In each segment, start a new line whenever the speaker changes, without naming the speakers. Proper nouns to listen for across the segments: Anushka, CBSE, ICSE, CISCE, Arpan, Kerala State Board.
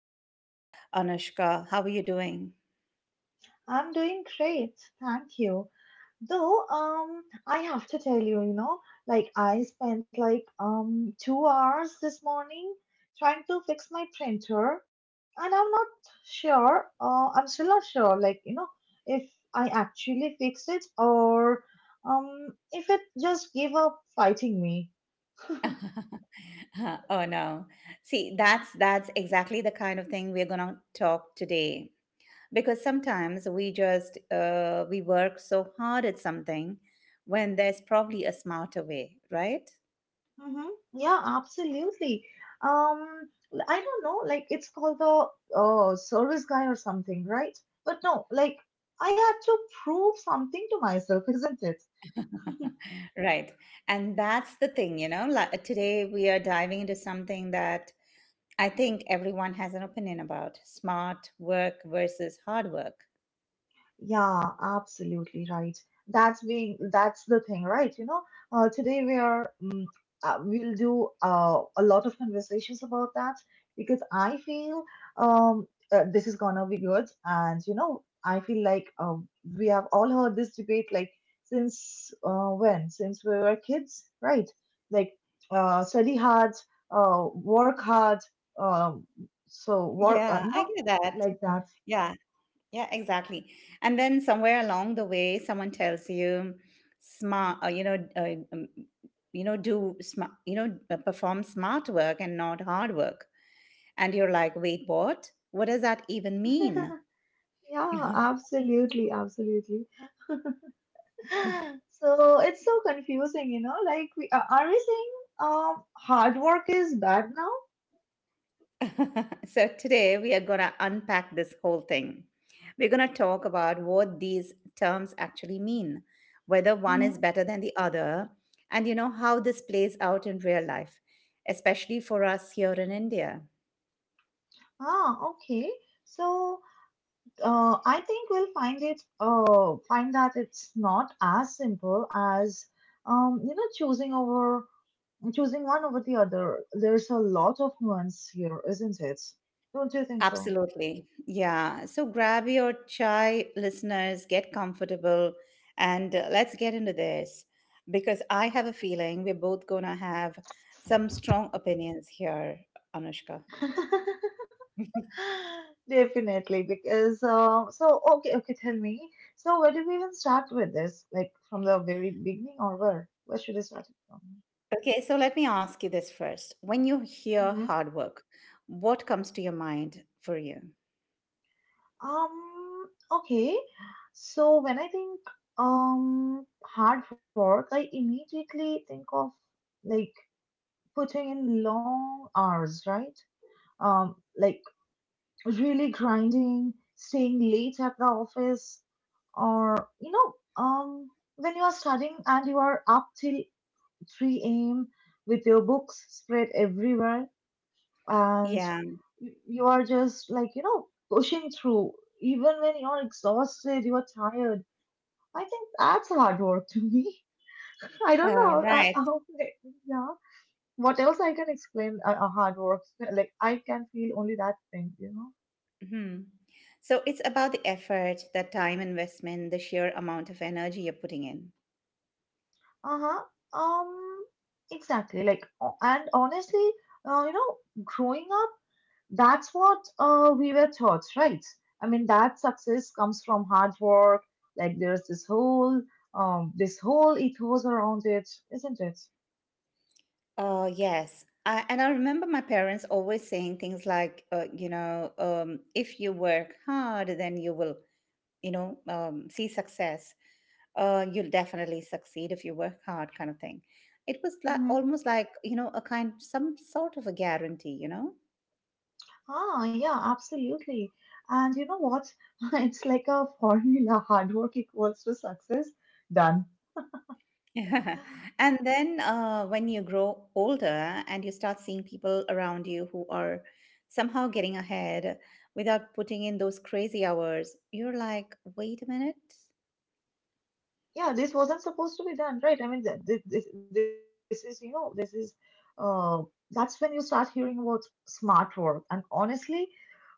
today, Anushka. How are you doing?
I'm doing great, thank you. Though, I have to tell you, I spent like 2 hours this morning trying to fix my printer, and I'm not sure. I'm still not sure, if I actually fixed it or if it just gave up fighting me.
Oh no, see, that's exactly the kind of thing we're gonna talk today. Because sometimes we just we work so hard at something when there's probably a smarter way, right?
Mm-hmm. Yeah, absolutely. I don't know, like it's called the service guy or something, right? But no, like I had to prove something to myself, isn't it?
Right, and that's the thing, you know. Like, today we are diving into something that I think everyone has an opinion about: smart work versus hard work.
Yeah, absolutely right. That's the thing, right? You know, today we are mm we'll do a lot of conversations about that because I feel um this is gonna be good, and you know, I feel like we have all heard this debate like since when? Since we were kids, right? Like study hard, work hard, um, so work,
Yeah,
you
I
know,
get that.
like that.
Yeah, yeah, exactly. And then somewhere along the way, someone tells you, smart, you know, do perform smart work and not hard work. And you're like, wait, what? What does that even mean?
Yeah, absolutely, absolutely. So it's so confusing, you know. Like, we are we saying hard work is bad now?
So today we are going to unpack this whole thing. We're going to talk about what these terms actually mean, whether one is
Mm-hmm.
better than the other, and you know how this plays out in real life, especially for us here in India.
Ah, okay. So I think we'll find it. Find that it's not as simple as um you know choosing over choosing one over the other. There's a lot of nuance here, isn't it? Don't you think so?
Absolutely. Yeah. So grab your chai, listeners, get comfortable, and let's get into this because I have a feeling we're both going to have some strong opinions here, Anushka.
Definitely, because so okay, okay, tell me. So where do we even start with this? Like from the very beginning, or where? Where should I start it from?
Okay, so let me ask you this first. When you hear
hmm
hard work, what comes to your mind for you?
Um, okay. So when I think hard work, I immediately think of like putting in long hours, right? Like really grinding, staying late at the office, or you know, um, when you are studying and you are up till 3 a.m. with your books spread everywhere, and
Yeah,
you are just like pushing through, even when you're exhausted, you are tired. I think that's hard work to me. I don't
uh,
know.
right.
Yeah. What else I can explain? Hard work. Like I can feel only that thing, you know.
hmm So it's about the effort, the time investment, the sheer amount of energy you're putting in.
Uh-huh. Um, exactly. Like, and honestly, uh, you know, growing up, that's what we were taught, right? I mean, that success comes from hard work. Like, there's this whole ethos around it, isn't it?
Oh, yes. And I remember my parents always saying things like, if you work hard, then you will, see success. You'll definitely succeed if you work hard kind of thing. It was like
Hmm.
almost like a kind some sort of a guarantee, you know.
Ah, yeah, absolutely. And you know what? It's like a formula, hard work equals to success, done.
And then when you grow older and you start seeing people around you who are somehow getting ahead without putting in those crazy hours, you're like, wait a minute.
Yeah, this wasn't supposed to be done, right? I mean, this is, you know, this is, uh that's when you start hearing about smart work. And honestly,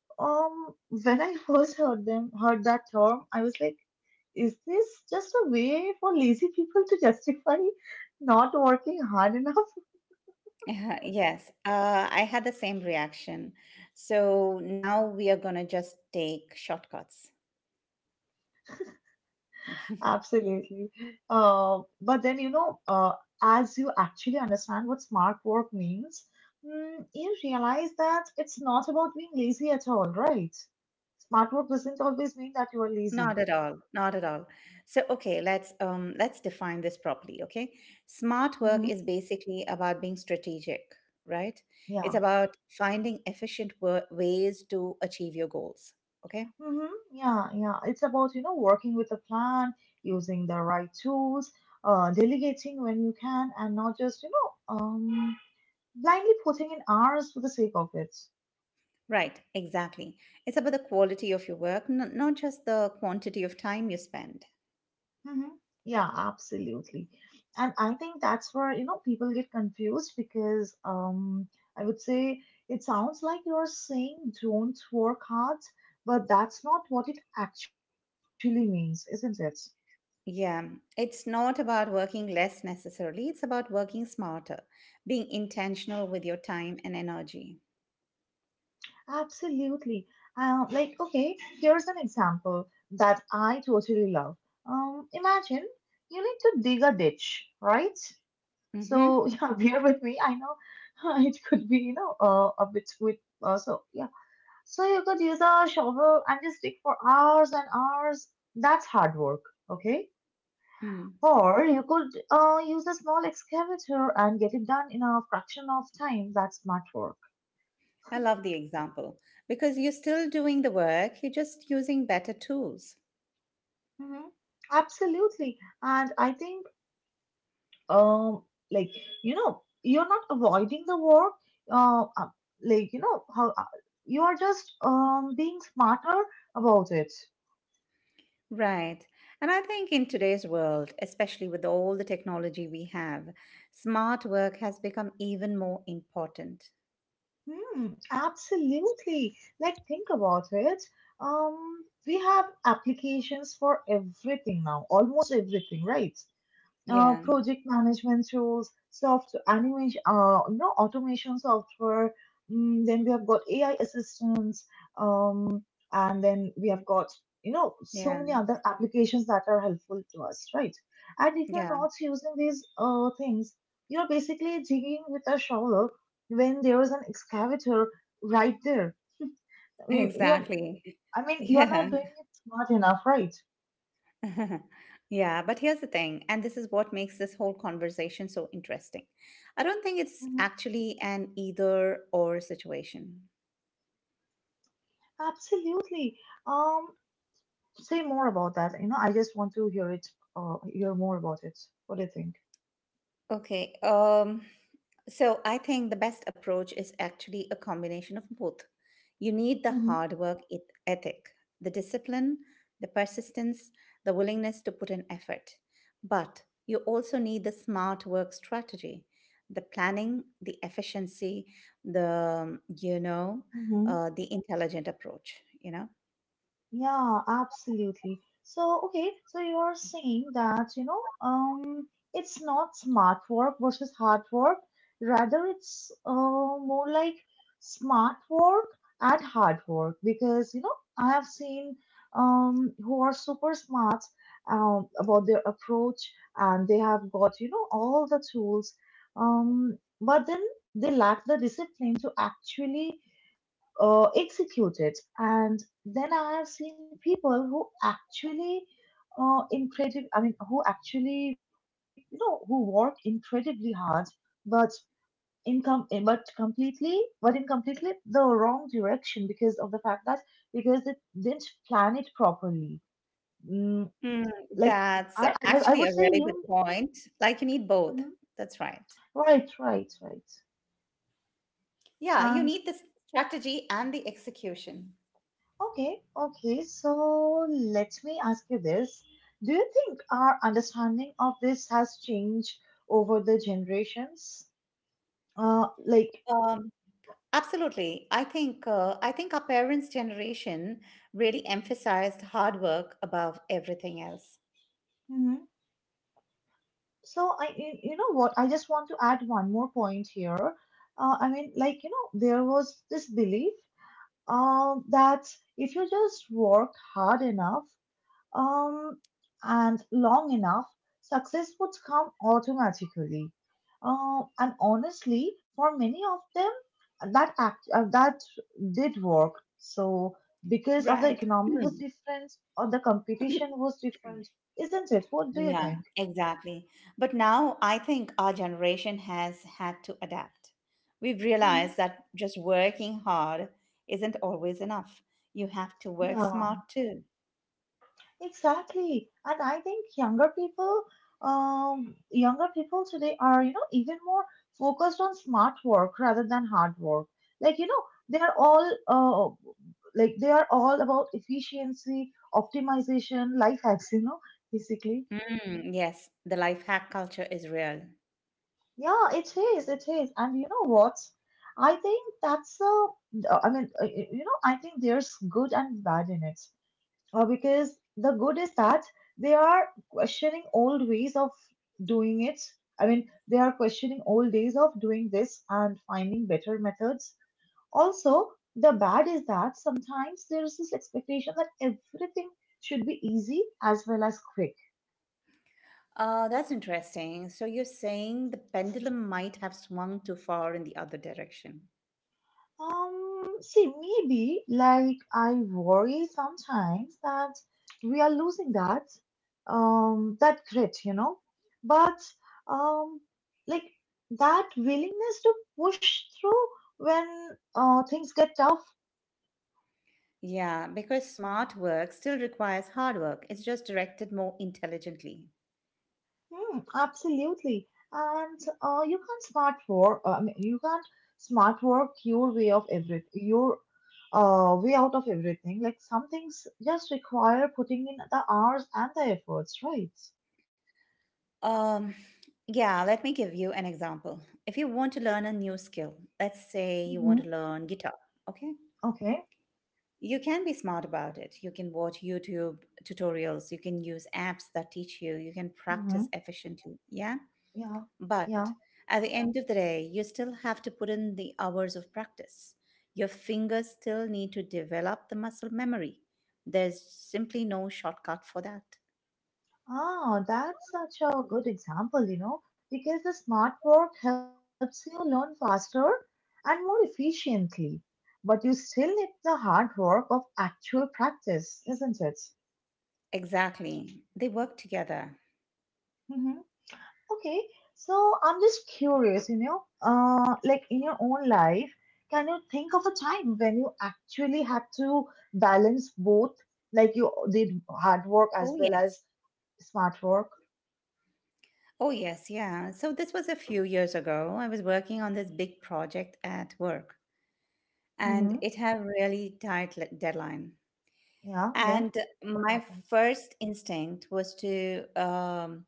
when I first heard them heard that term, I was like, is this just a way for lazy people to justify not working hard enough?
Yeah, yes, I had the same reaction. So now we are going to just take shortcuts.
Absolutely. But then, you know, as you actually understand what smart work means, you realize that it's not about being lazy at all, right? Smart work doesn't always mean that you are lazy.
Not at all. Not at all. So, okay, let's define this properly, okay? Smart work
Hmm.
is basically about being strategic, right?
Yeah.
It's about finding ways to achieve your goals, okay?
Mm-hmm. Yeah, yeah. It's about, you know, working with a plan, using the right tools, delegating when you can, and not just, blindly putting in hours for the sake of it.
Right, exactly. It's about the quality of your work, not just the quantity of time you spend.
Hmm. Yeah, absolutely. And I think that's where, you know, people get confused because I would say it sounds like you're saying don't work hard, but that's not what it actually means, isn't it?
Yeah, it's not about working less necessarily, it's about working smarter, being intentional with your time and energy.
Absolutely. Like, okay, here's an example that I totally love. Imagine you need to dig a ditch, right? So,
Mm-hmm.
yeah, bear with me. I know it could be, you know, a bit with, so yeah. So you could use a shovel and just dig for hours and hours. That's hard work, okay?
Mm.
Or you could use a small excavator and get it done in a fraction of time. That's smart work.
I love the example because you're still doing the work, you're just using better tools.
Mhm. Absolutely. And I think, um, like, you're not avoiding the work. Uh, uh, like, you know, how you are just being smarter about it.
Right. And I think in today's world, especially with all the technology we have, smart work has become even more important.
Hmm, absolutely. Like, think about it. We have applications for everything now, almost everything, right?
Yeah,
Project management tools, software, animation, automation software. Then we have got AI assistants, um, and then we have got, you know,
yeah,
so many other applications that are helpful to us, right? And if you're
yeah,
not using these things, you're basically digging with a shovel when there is an excavator right there. I mean, you're,
exactly.
I mean, you're not
Yeah,
doing it smart enough, right?
yeah. But here's the thing, and this is what makes this whole conversation so interesting. I don't think it's
Mhm.
actually an either or situation.
Absolutely. Um, Say more about that. You know, I just want to hear it, hear more about it. What do you think?
Okay. So I think the best approach is actually a combination of both. You need the hard work ethic, the discipline, the persistence, the willingness to put in effort. But you also need the smart work strategy, the planning, the efficiency, the you know,
Mm-hmm.
the intelligent approach, you know.
Yeah, absolutely. So, okay, so you are saying that, you know, it's not smart work versus hard work. Rather, it's more like smart work and hard work because, you know, I have seen who are super smart about their approach, and they have got, you know, all the tools, but then they lack the discipline to actually execute it. And then I have seen people who actually who actually, you know, who work incredibly hard, but in com- eh, but completely but in completely the wrong direction because of the fact that because they didn't plan it properly. Mm,
Mm,
like
that's
I
actually
would
a
say
really
you.
good point. Like you need both.
Mhm.
That's right.
Right, right, right,
Yeah, you
and
need the strategy and the execution.
okay, okay. So let me ask you this. Do you think our understanding of this has changed over the generations? Uh, like,
Um, Absolutely. I think our parents' generation really emphasized hard work above everything else.
Mm-hmm. So you, you know what? I just want to add one more point here. I mean, like, you know, there was this belief that if you just work hard enough, um, and long enough, success would come automatically. And honestly, for many of them, that did work. So because of the
Right.
economy
Hmm.
was different or the competition was different, isn't it? What do you
Yeah,
think?
exactly. But now I think our generation has had to adapt. We've
Hmm.
realized that just working hard isn't always enough. You have to work
Yeah.
smart too.
Exactly. And I think younger people today are, you know, even more focused on smart work rather than hard work. Like, you know, they are all, uh, like they are all about efficiency, optimization, life hacks, you know, basically.
Mm, yes, the life hack culture is real.
Yeah, it is, it is. And you know what? I think that's a, I mean, I think there's good and bad in it. Because the good is that they are questioning old ways of doing it. I mean, they are questioning old days of doing this and finding better methods. Also, the bad is that sometimes there is this expectation that everything should be easy as well as quick.
That's interesting. So you're saying the pendulum might have swung too far in the other direction.
See, maybe like I worry sometimes that we are losing that, that grit, you know, but um, like that willingness to push through when things get tough.
Yeah, because smart work still requires hard work. It's just directed more intelligently.
Hmm, absolutely. And you can't smart work. I mean, you can't smart work your way of every your way out of everything. Like some things just require putting in the hours and the efforts, right?
Um, yeah, let me give you an example. If you want to learn a new skill, let's say you
Mm-hmm.
want to learn guitar, okay?
Okay.
You can be smart about it. You can watch YouTube tutorials, you can use apps that teach you, you can
Mm-hmm.
practice efficiently. Yeah?
Yeah.
But
Yeah.
at the end of the day, you still have to put in the hours of practice. Your fingers still need to develop the muscle memory. There's simply no shortcut for that.
Ah, that's such a good example, you know, because the smart work helps you learn faster and more efficiently, but you still need the hard work of actual practice, isn't it?
Exactly. They work together.
Mm-hmm. Okay, so I'm just curious, you know, like in your own life, can you think of a time when you actually had to balance both, like you did hard work
Oh,
as well
yes.
as smart work?
Oh, yes. Yeah. So, this was a few years ago. I was working on this big project at work,
Mm-hmm.
and it had a really tight deadline.
Yeah, then
And
what
my
happens?
first instinct was to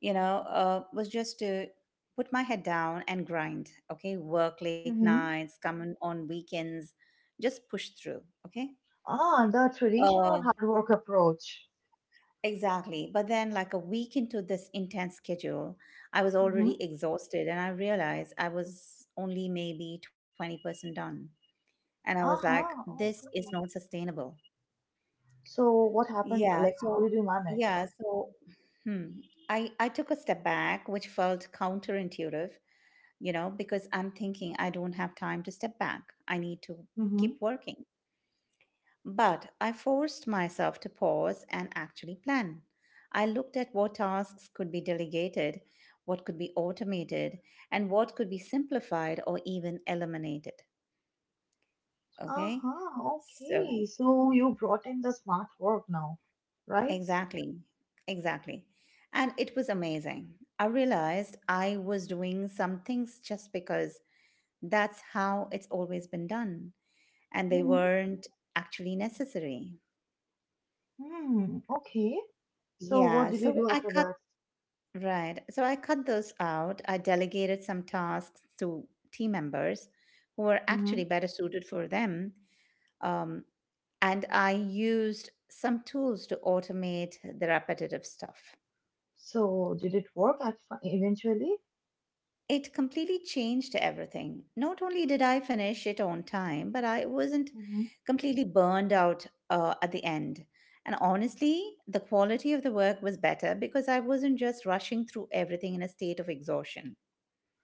you know, was just to put my head down and grind. Okay, work late
Mm-hmm.
nights, come in on weekends, just push through. Okay.
Ah, the
Uh,
traditional hard work approach.
exactly. But then, like a week into this intense schedule, I was already
Mm-hmm.
exhausted and I realized I was only maybe 20% done. And I was like,
Uh-huh,
this is
okay.
not sustainable.
So what happened?
Yeah.
Like, how
So,
did you manage?
yeah. So, hmm, I took a step back, which felt counterintuitive, you know, because I'm thinking I don't have time to step back. I need to keep working. But I forced myself to pause and actually plan. I looked at what tasks could be delegated, what could be automated, and what could be simplified or even eliminated. Okay?
Uh-huh, okay.
So,
So you brought in the smart work now, right?
exactly, exactly. And it was amazing. I realized I was doing some things just because that's how it's always been done and they
Mm-hmm.
weren't actually necessary.
Hmm. Okay. So what
Yeah,
did you
so
do
I
after
cut
that?
right. So I cut those out. I delegated some tasks to team members who were
Mm-hmm.
actually better suited for them. Um, and I used some tools to automate the repetitive stuff.
So did it work eventually?
It completely changed everything. Not only did I finish it on time, but I wasn't
Mm-hmm.
completely burned out at the end. And honestly, the quality of the work was better because I wasn't just rushing through everything in a state of exhaustion.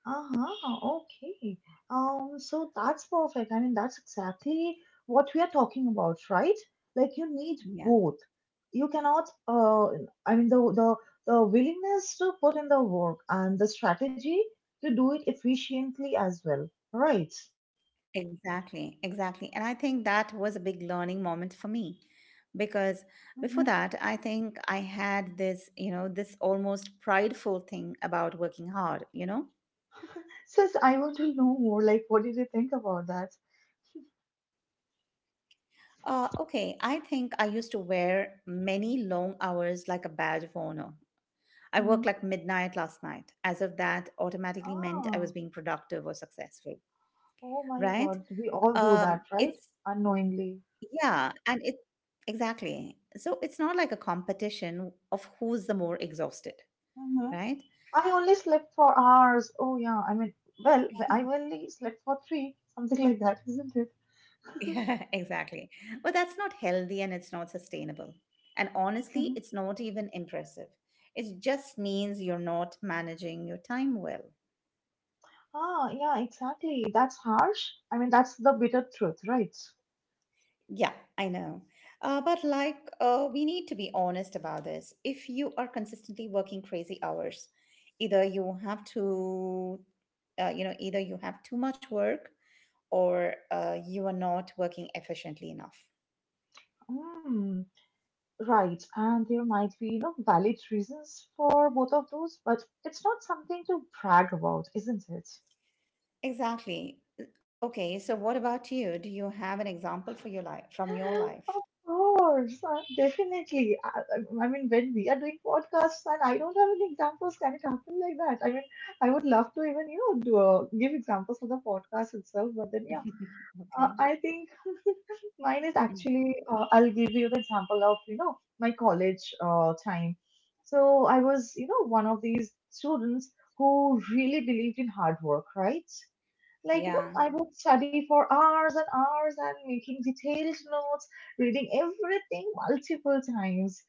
Uh-huh, okay. So that's perfect. I mean, that's exactly what we are talking about, right? Like you need
Yeah,
both. You cannot, I mean, the the the willingness to put in the work and the strategy to do it efficiently as well, right?
exactly, exactly. And I think that was a big learning moment for me because before
Mm-hmm.
that, I think I had this, you know, this almost prideful thing about working hard, you know?
Since I want to know more, like, what did you think about that?
Okay, I think I used to wear many long hours like a badge of honor. I worked like midnight last
Mm-hmm.
night, as if that automatically meant I was being productive or
Ah,
successful, right?
oh my God, we all do
It's,
that, right? Unknowingly.
yeah, and it exactly. So it's not like a competition of who's the more exhausted, right?
Mm-hmm. I only slept for hours. Oh, yeah. I mean, well, I only slept for three, something like that, isn't it?
Yeah, exactly. But that's not healthy and it's not sustainable. And honestly,
Mhm.
it's not even impressive. It just means you're not managing your time well.
Ah, yeah, exactly. That's harsh. I mean, that's the bitter truth, right?
Yeah, I know. But we need to be honest about this. If you are consistently working crazy hours, either you have either you have too much work or you are not working efficiently enough.
Mm, right. And there might be, you know, valid reasons for both of those, but it's not something to brag about, isn't it?
Exactly. Okay, so what about you? Do you have an example for your life from your
Of
life?
course, definitely. I mean, when we are doing podcasts and I don't have any examples, can it happen like that? I would love to even, you know, do, give examples of the podcast itself, but then, yeah,
Okay.
I think mine is
Mm.
actually, I'll give you the example of, you know, my college time. So I was, you know, one of these students who really believed in hard work, right? Like, you
Yeah.
know, I would study for hours and hours and making detailed notes, reading everything multiple times.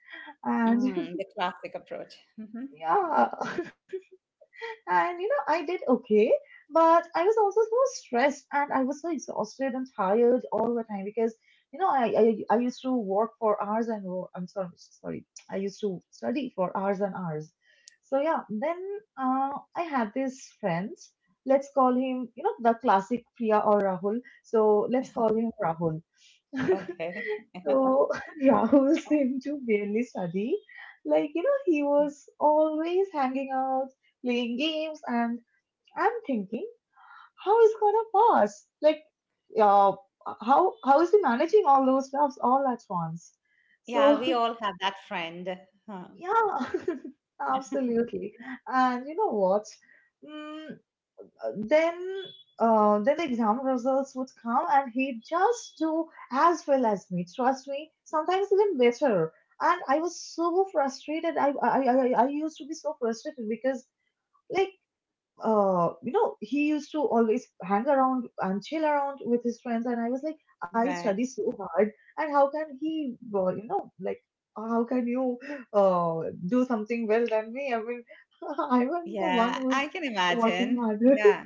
And
Mm, the classic approach. Hmm.
yeah, and you know, I did okay, but I was also so stressed and I was so exhausted and tired all the time because you know, I used to work for hours and I'm sorry, sorry, I used to study for hours and hours. So yeah, then I had this friend. Let's call him, you know, the classic Priya or Rahul. So let's call him Rahul.
Okay.
So Rahul seemed to barely study. Like, you know, he was always hanging out, playing games, and I'm thinking, how is gonna pass? Like, uh, how is he managing all those stuffs all at once?
Yeah,
So
we all have that friend. Huh.
yeah, absolutely. And you know what? Mm, then then the exam results would come and he'd just do as well as me. Trust me, sometimes even better. And I was so frustrated. I used to be so frustrated because like you know he used to always hang around and chill around with his friends and I was like I study
Right.
so hard, and how can he you know like how can you do something well than me, I mean I'm the one
Yeah,
who is
I can
working
imagine.
hard.
Yeah,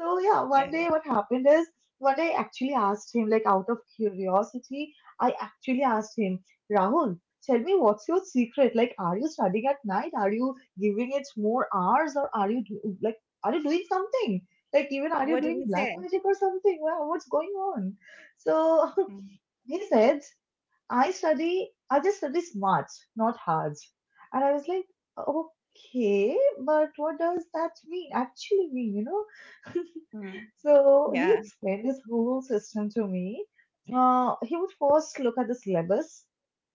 So yeah, one
yeah.
day what happened is one day I actually asked him, like out of curiosity, I actually asked him, Rahul, tell me what's your secret? Like, are you studying at night? Are you giving it more hours, or are like, are you doing something? Like, even are
What
you
did
doing
he
black
say?
magic or something? Wow, what's going on? So he said, I study, I just study smart, not hard. And I was like, okay, but what does that mean? Actually mean, you know?
Mm-hmm.
So he
Yeah.
explained his whole system to me. He would first look at the syllabus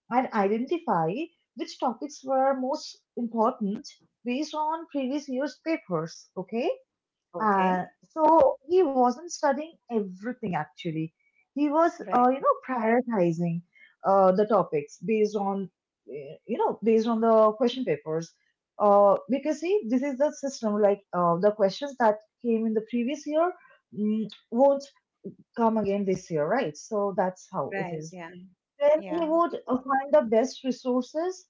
and identify which topics were most important based on previous year's papers. Okay. Uh,
Okay.
so he wasn't studying everything actually. He was,
Right.
you know, prioritizing the topics based on, you know, based on the question papers. Because see, this is the system. Like the questions that came in the previous year won't come again this year, right? So that's how it
Right.
is.
Yeah.
Then he
Yeah.
would find the best resources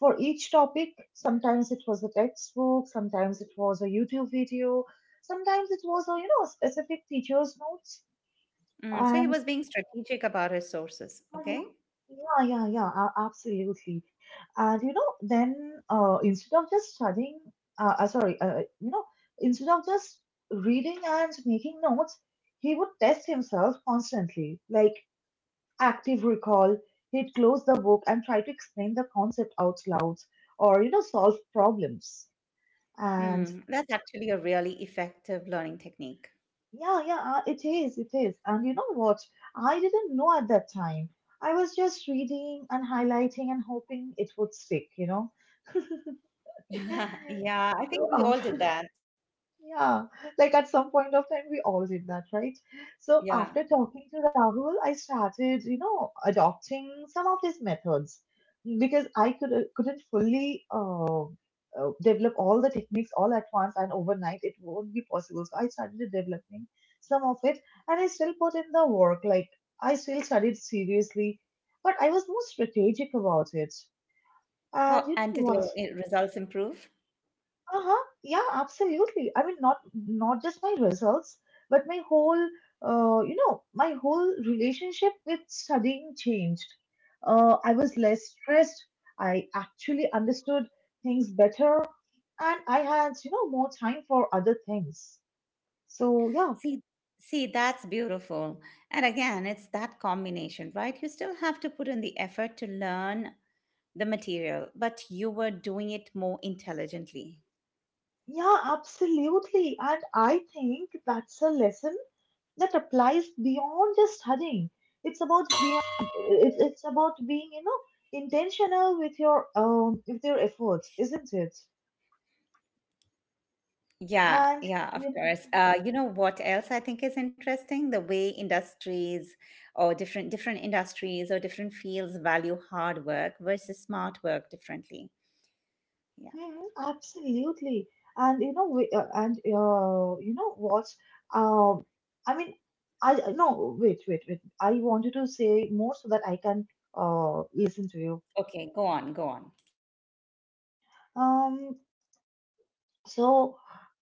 for each topic. Sometimes it was a textbook, sometimes it was a YouTube video, sometimes it was a you know specific teacher's notes.
Mm. So he
And
was being strategic about his sources.
Mhm.
Okay.
Yeah, yeah, yeah, absolutely. And you know, then instead of just studying, sorry, you know, instead of just reading and making notes, he would test himself constantly, like active recall. He'd close the book and try to explain the concept out loud or you know solve problems. And
Mm. That's actually a really effective learning technique.
yeah, yeah, it is, it is. And you know what? I didn't know at that time. I was just reading and highlighting and hoping it would stick, you know?
Yeah. Yeah. I
So
think we all did that.
yeah, like at some point of time, we all did that, right? So
Yeah.
after talking to Rahul, I started, you know, adopting some of these methods because I could couldn't fully develop all the techniques all at once and overnight. It won't be possible. So I started developing some of it, and I still put in the work. Like I still studied seriously, but I was more strategic about it.
How,
And you know
and did your
what?
eh, results improve?
Uh-huh. Yeah, absolutely. I mean, not just my results, but my whole, you know, my whole relationship with studying changed. I was less stressed. I actually understood things better, and I had, you know, more time for other things. So yeah,
See, see, that's beautiful. And again, it's that combination, right? You still have to put in the effort to learn the material, but you were doing it more intelligently.
yeah, absolutely. And I think that's a lesson that applies beyond just studying. It's about being it's about being you know intentional with your efforts, isn't it?
Yeah,
And
yeah, of
you know,
course. You know what else I think is interesting? The way industries or different industries or different fields value hard work versus smart work differently. Yeah.
mhm, absolutely. And you know we, and you know what? Um, I mean, no, wait wait wait. I wanted to say more so that I can listen to you.
Okay, go on, go
Um, so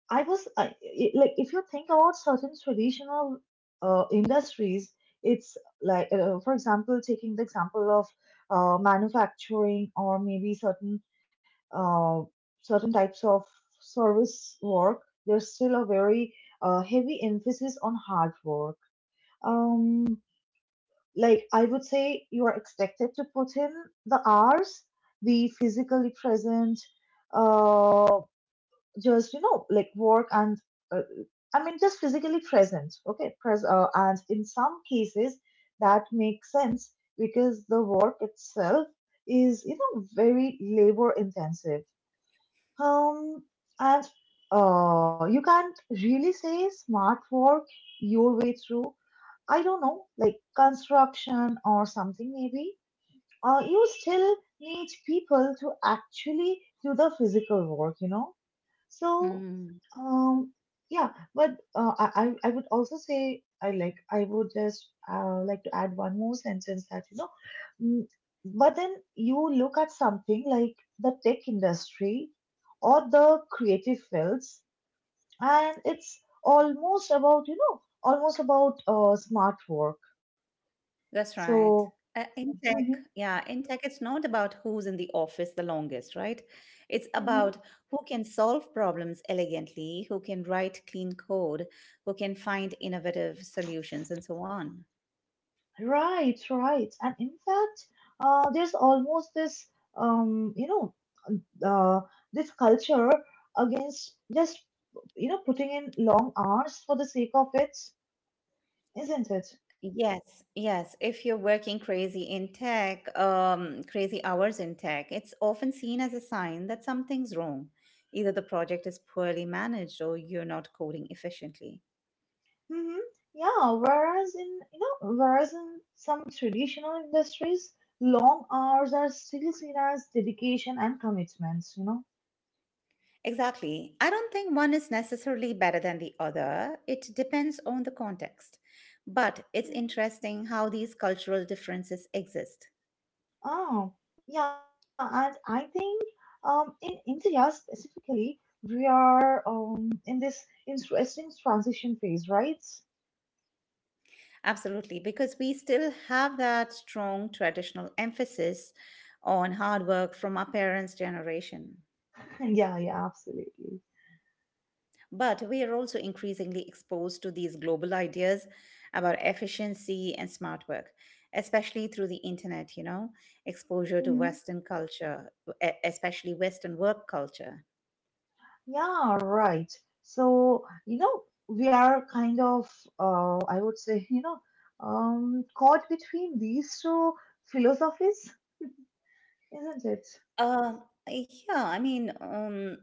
I was I- like, if you think about certain traditional industries, it's like, for example, taking the example of manufacturing or maybe certain uh, certain types of service work. There's still a very heavy emphasis on hard work. Um, like I would say, you are expected to put in the hours, be physically present. Uh, just you know like work and uh, I mean just physically present, okay, and in some cases that makes sense because the work itself is you know very labor intensive um and you can't really say smart work your way through, I don't know, like construction or something, maybe you still need people to actually do the physical work, you know? So,
on.
um, yeah, but I would also say I would just like to add one more sentence that you know, mm, but then you look at something like the tech industry or the creative fields, and it's almost about you know almost about smart work.
That's right.
So,
Uh, in tech,
mhm,
yeah, in tech, it's not about who's in the office the longest, right? It's about
mhm.
who can solve problems elegantly, who can write clean code, who can find innovative solutions, and so on.
Right, right. And in fact, there's almost this, you know, uh, this culture against just, you know, putting in long hours for the sake of it, isn't it?
Yes, yes. If you're working crazy in tech, crazy hours in tech, it's often seen as a sign that something's wrong. Either the project is poorly managed or you're not coding efficiently.
Mm-hmm. Yeah, whereas in, you know, whereas in some traditional industries, long hours are still seen as dedication and commitments, you know?
Exactly. I don't think one is necessarily better than the other. It depends on the context. But it's
Mm-hmm.
interesting how these cultural differences exist.
Oh, yeah, and I think in India specifically, we are in this interesting transition phase, right?
Absolutely, because we still have that strong traditional emphasis on hard work from our parents' generation.
Yeah, yeah, absolutely.
But we are also increasingly exposed to these global ideas about efficiency and smart work, especially through the internet, you know, exposure to
Mhm.
Western culture, especially Western work culture.
Yeah, right. So, you know, we are kind of, I would say, you know, caught between these two philosophies, isn't it?
Uh, yeah, I mean,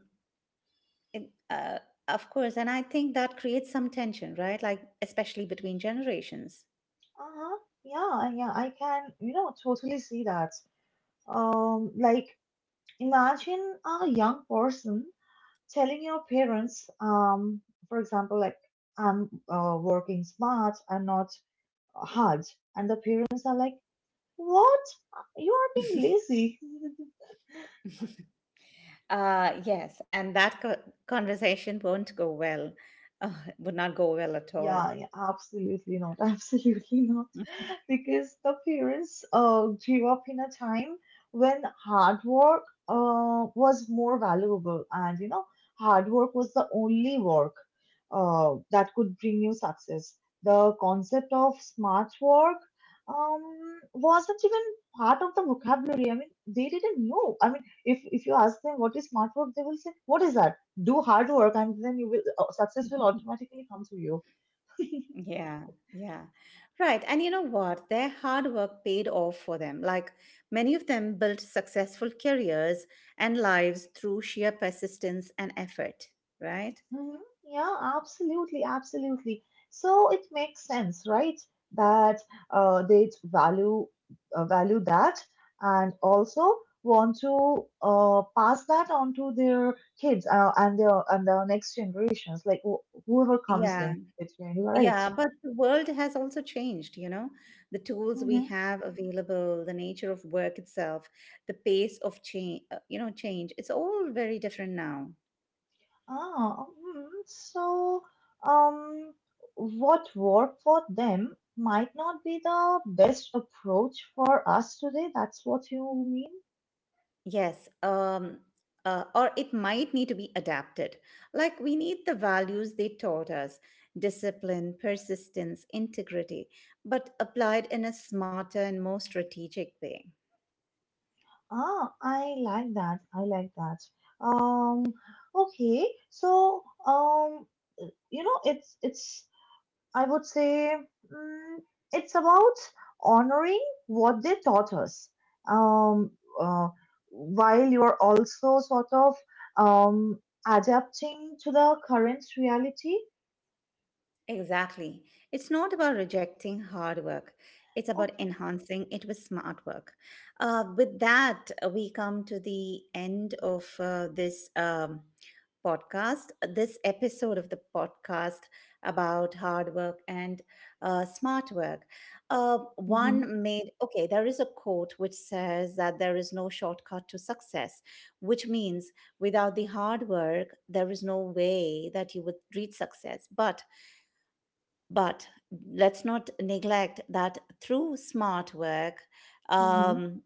it, of course, and I think that creates some tension, right? Like, especially between generations.
Uh-huh. Yeah, yeah, I can, you know, totally see that. Like imagine a young person telling your parents, for example, like I'm working smart, I'm not hard, and the parents are like, "What? You are being lazy."
Yes, and that conversation won't go well, uh, would not go well at all.
Yeah, yeah, absolutely not. Absolutely not.
Mhm.
Because the parents grew up in a time when hard work was more valuable, and you know, hard work was the only work that could bring you success. The concept of smart work wasn't even part of the vocabulary. I mean, they didn't know. I mean, if you ask them what is smart work, they will say, "What is that?" Do hard work and then you will success will automatically come to you.
Yeah, yeah. Right. And you know what? Their hard work paid off for them. Like many of them built successful careers and lives through sheer persistence and effort, right?
Hmm. Yeah, absolutely, absolutely. So it makes sense, right? That they value that, and also want to pass that on to their kids and their next generations, like whoever comes
Yeah.
in between, right?
Yeah, but the world has also changed, you know. The tools we have available, the nature of work itself, the pace of change, you know, change. It's all very different now.
Ah, hmm. So um, what worked for them might not be the best approach for us today. That's what you mean?
Yes, um, or it might need to be adapted. Like we need the values they taught us: discipline, persistence, integrity, but applied in a smarter and more strategic way.
Ah, I like that. I like that. Um, okay. So, you know, it's I would say mm, it's about honoring what they taught us, um, uh, while you're also sort of um, adapting to the current reality.
Exactly. It's not about rejecting hard work.
Okay.
It's about enhancing it with smart work. With that, we come to the end of this podcast, this episode of the podcast about hard work and smart work. Uh,
Mm-hmm.
one made, okay, there is a quote which says that there is no shortcut to success, which means without the hard work, there is no way that you would reach success. But let's not neglect that through smart work,
Mm-hmm.
um,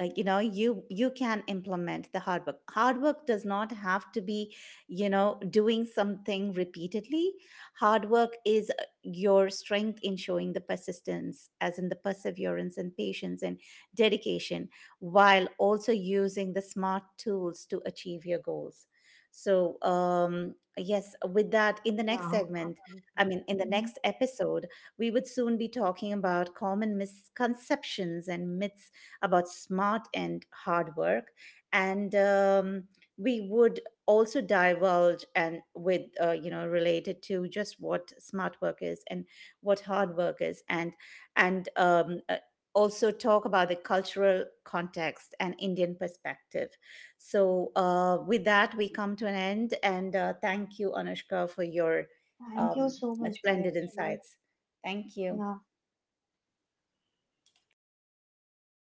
you know, you can implement the hard work. Hard work does not have to be, you know, doing something repeatedly. Hard work is your strength in showing the persistence as in the perseverance and patience and dedication, while also using the smart tools to achieve your goals. So, um, yes, with that in the next
Yeah,
segment I
absolutely.
mean in the
Mm-hmm.
next episode we would soon be talking about common misconceptions and myths about smart and hard work. And we would also divulge and with, you know, related to just what smart work is and what hard work is, and, and, um, uh, also talk about the cultural context and Indian perspective. So with that we come to an end and thank you, Anushka, for your
Thank you
um,
so much,
splendid
Gayatri.
insights. Thank you.
Yeah.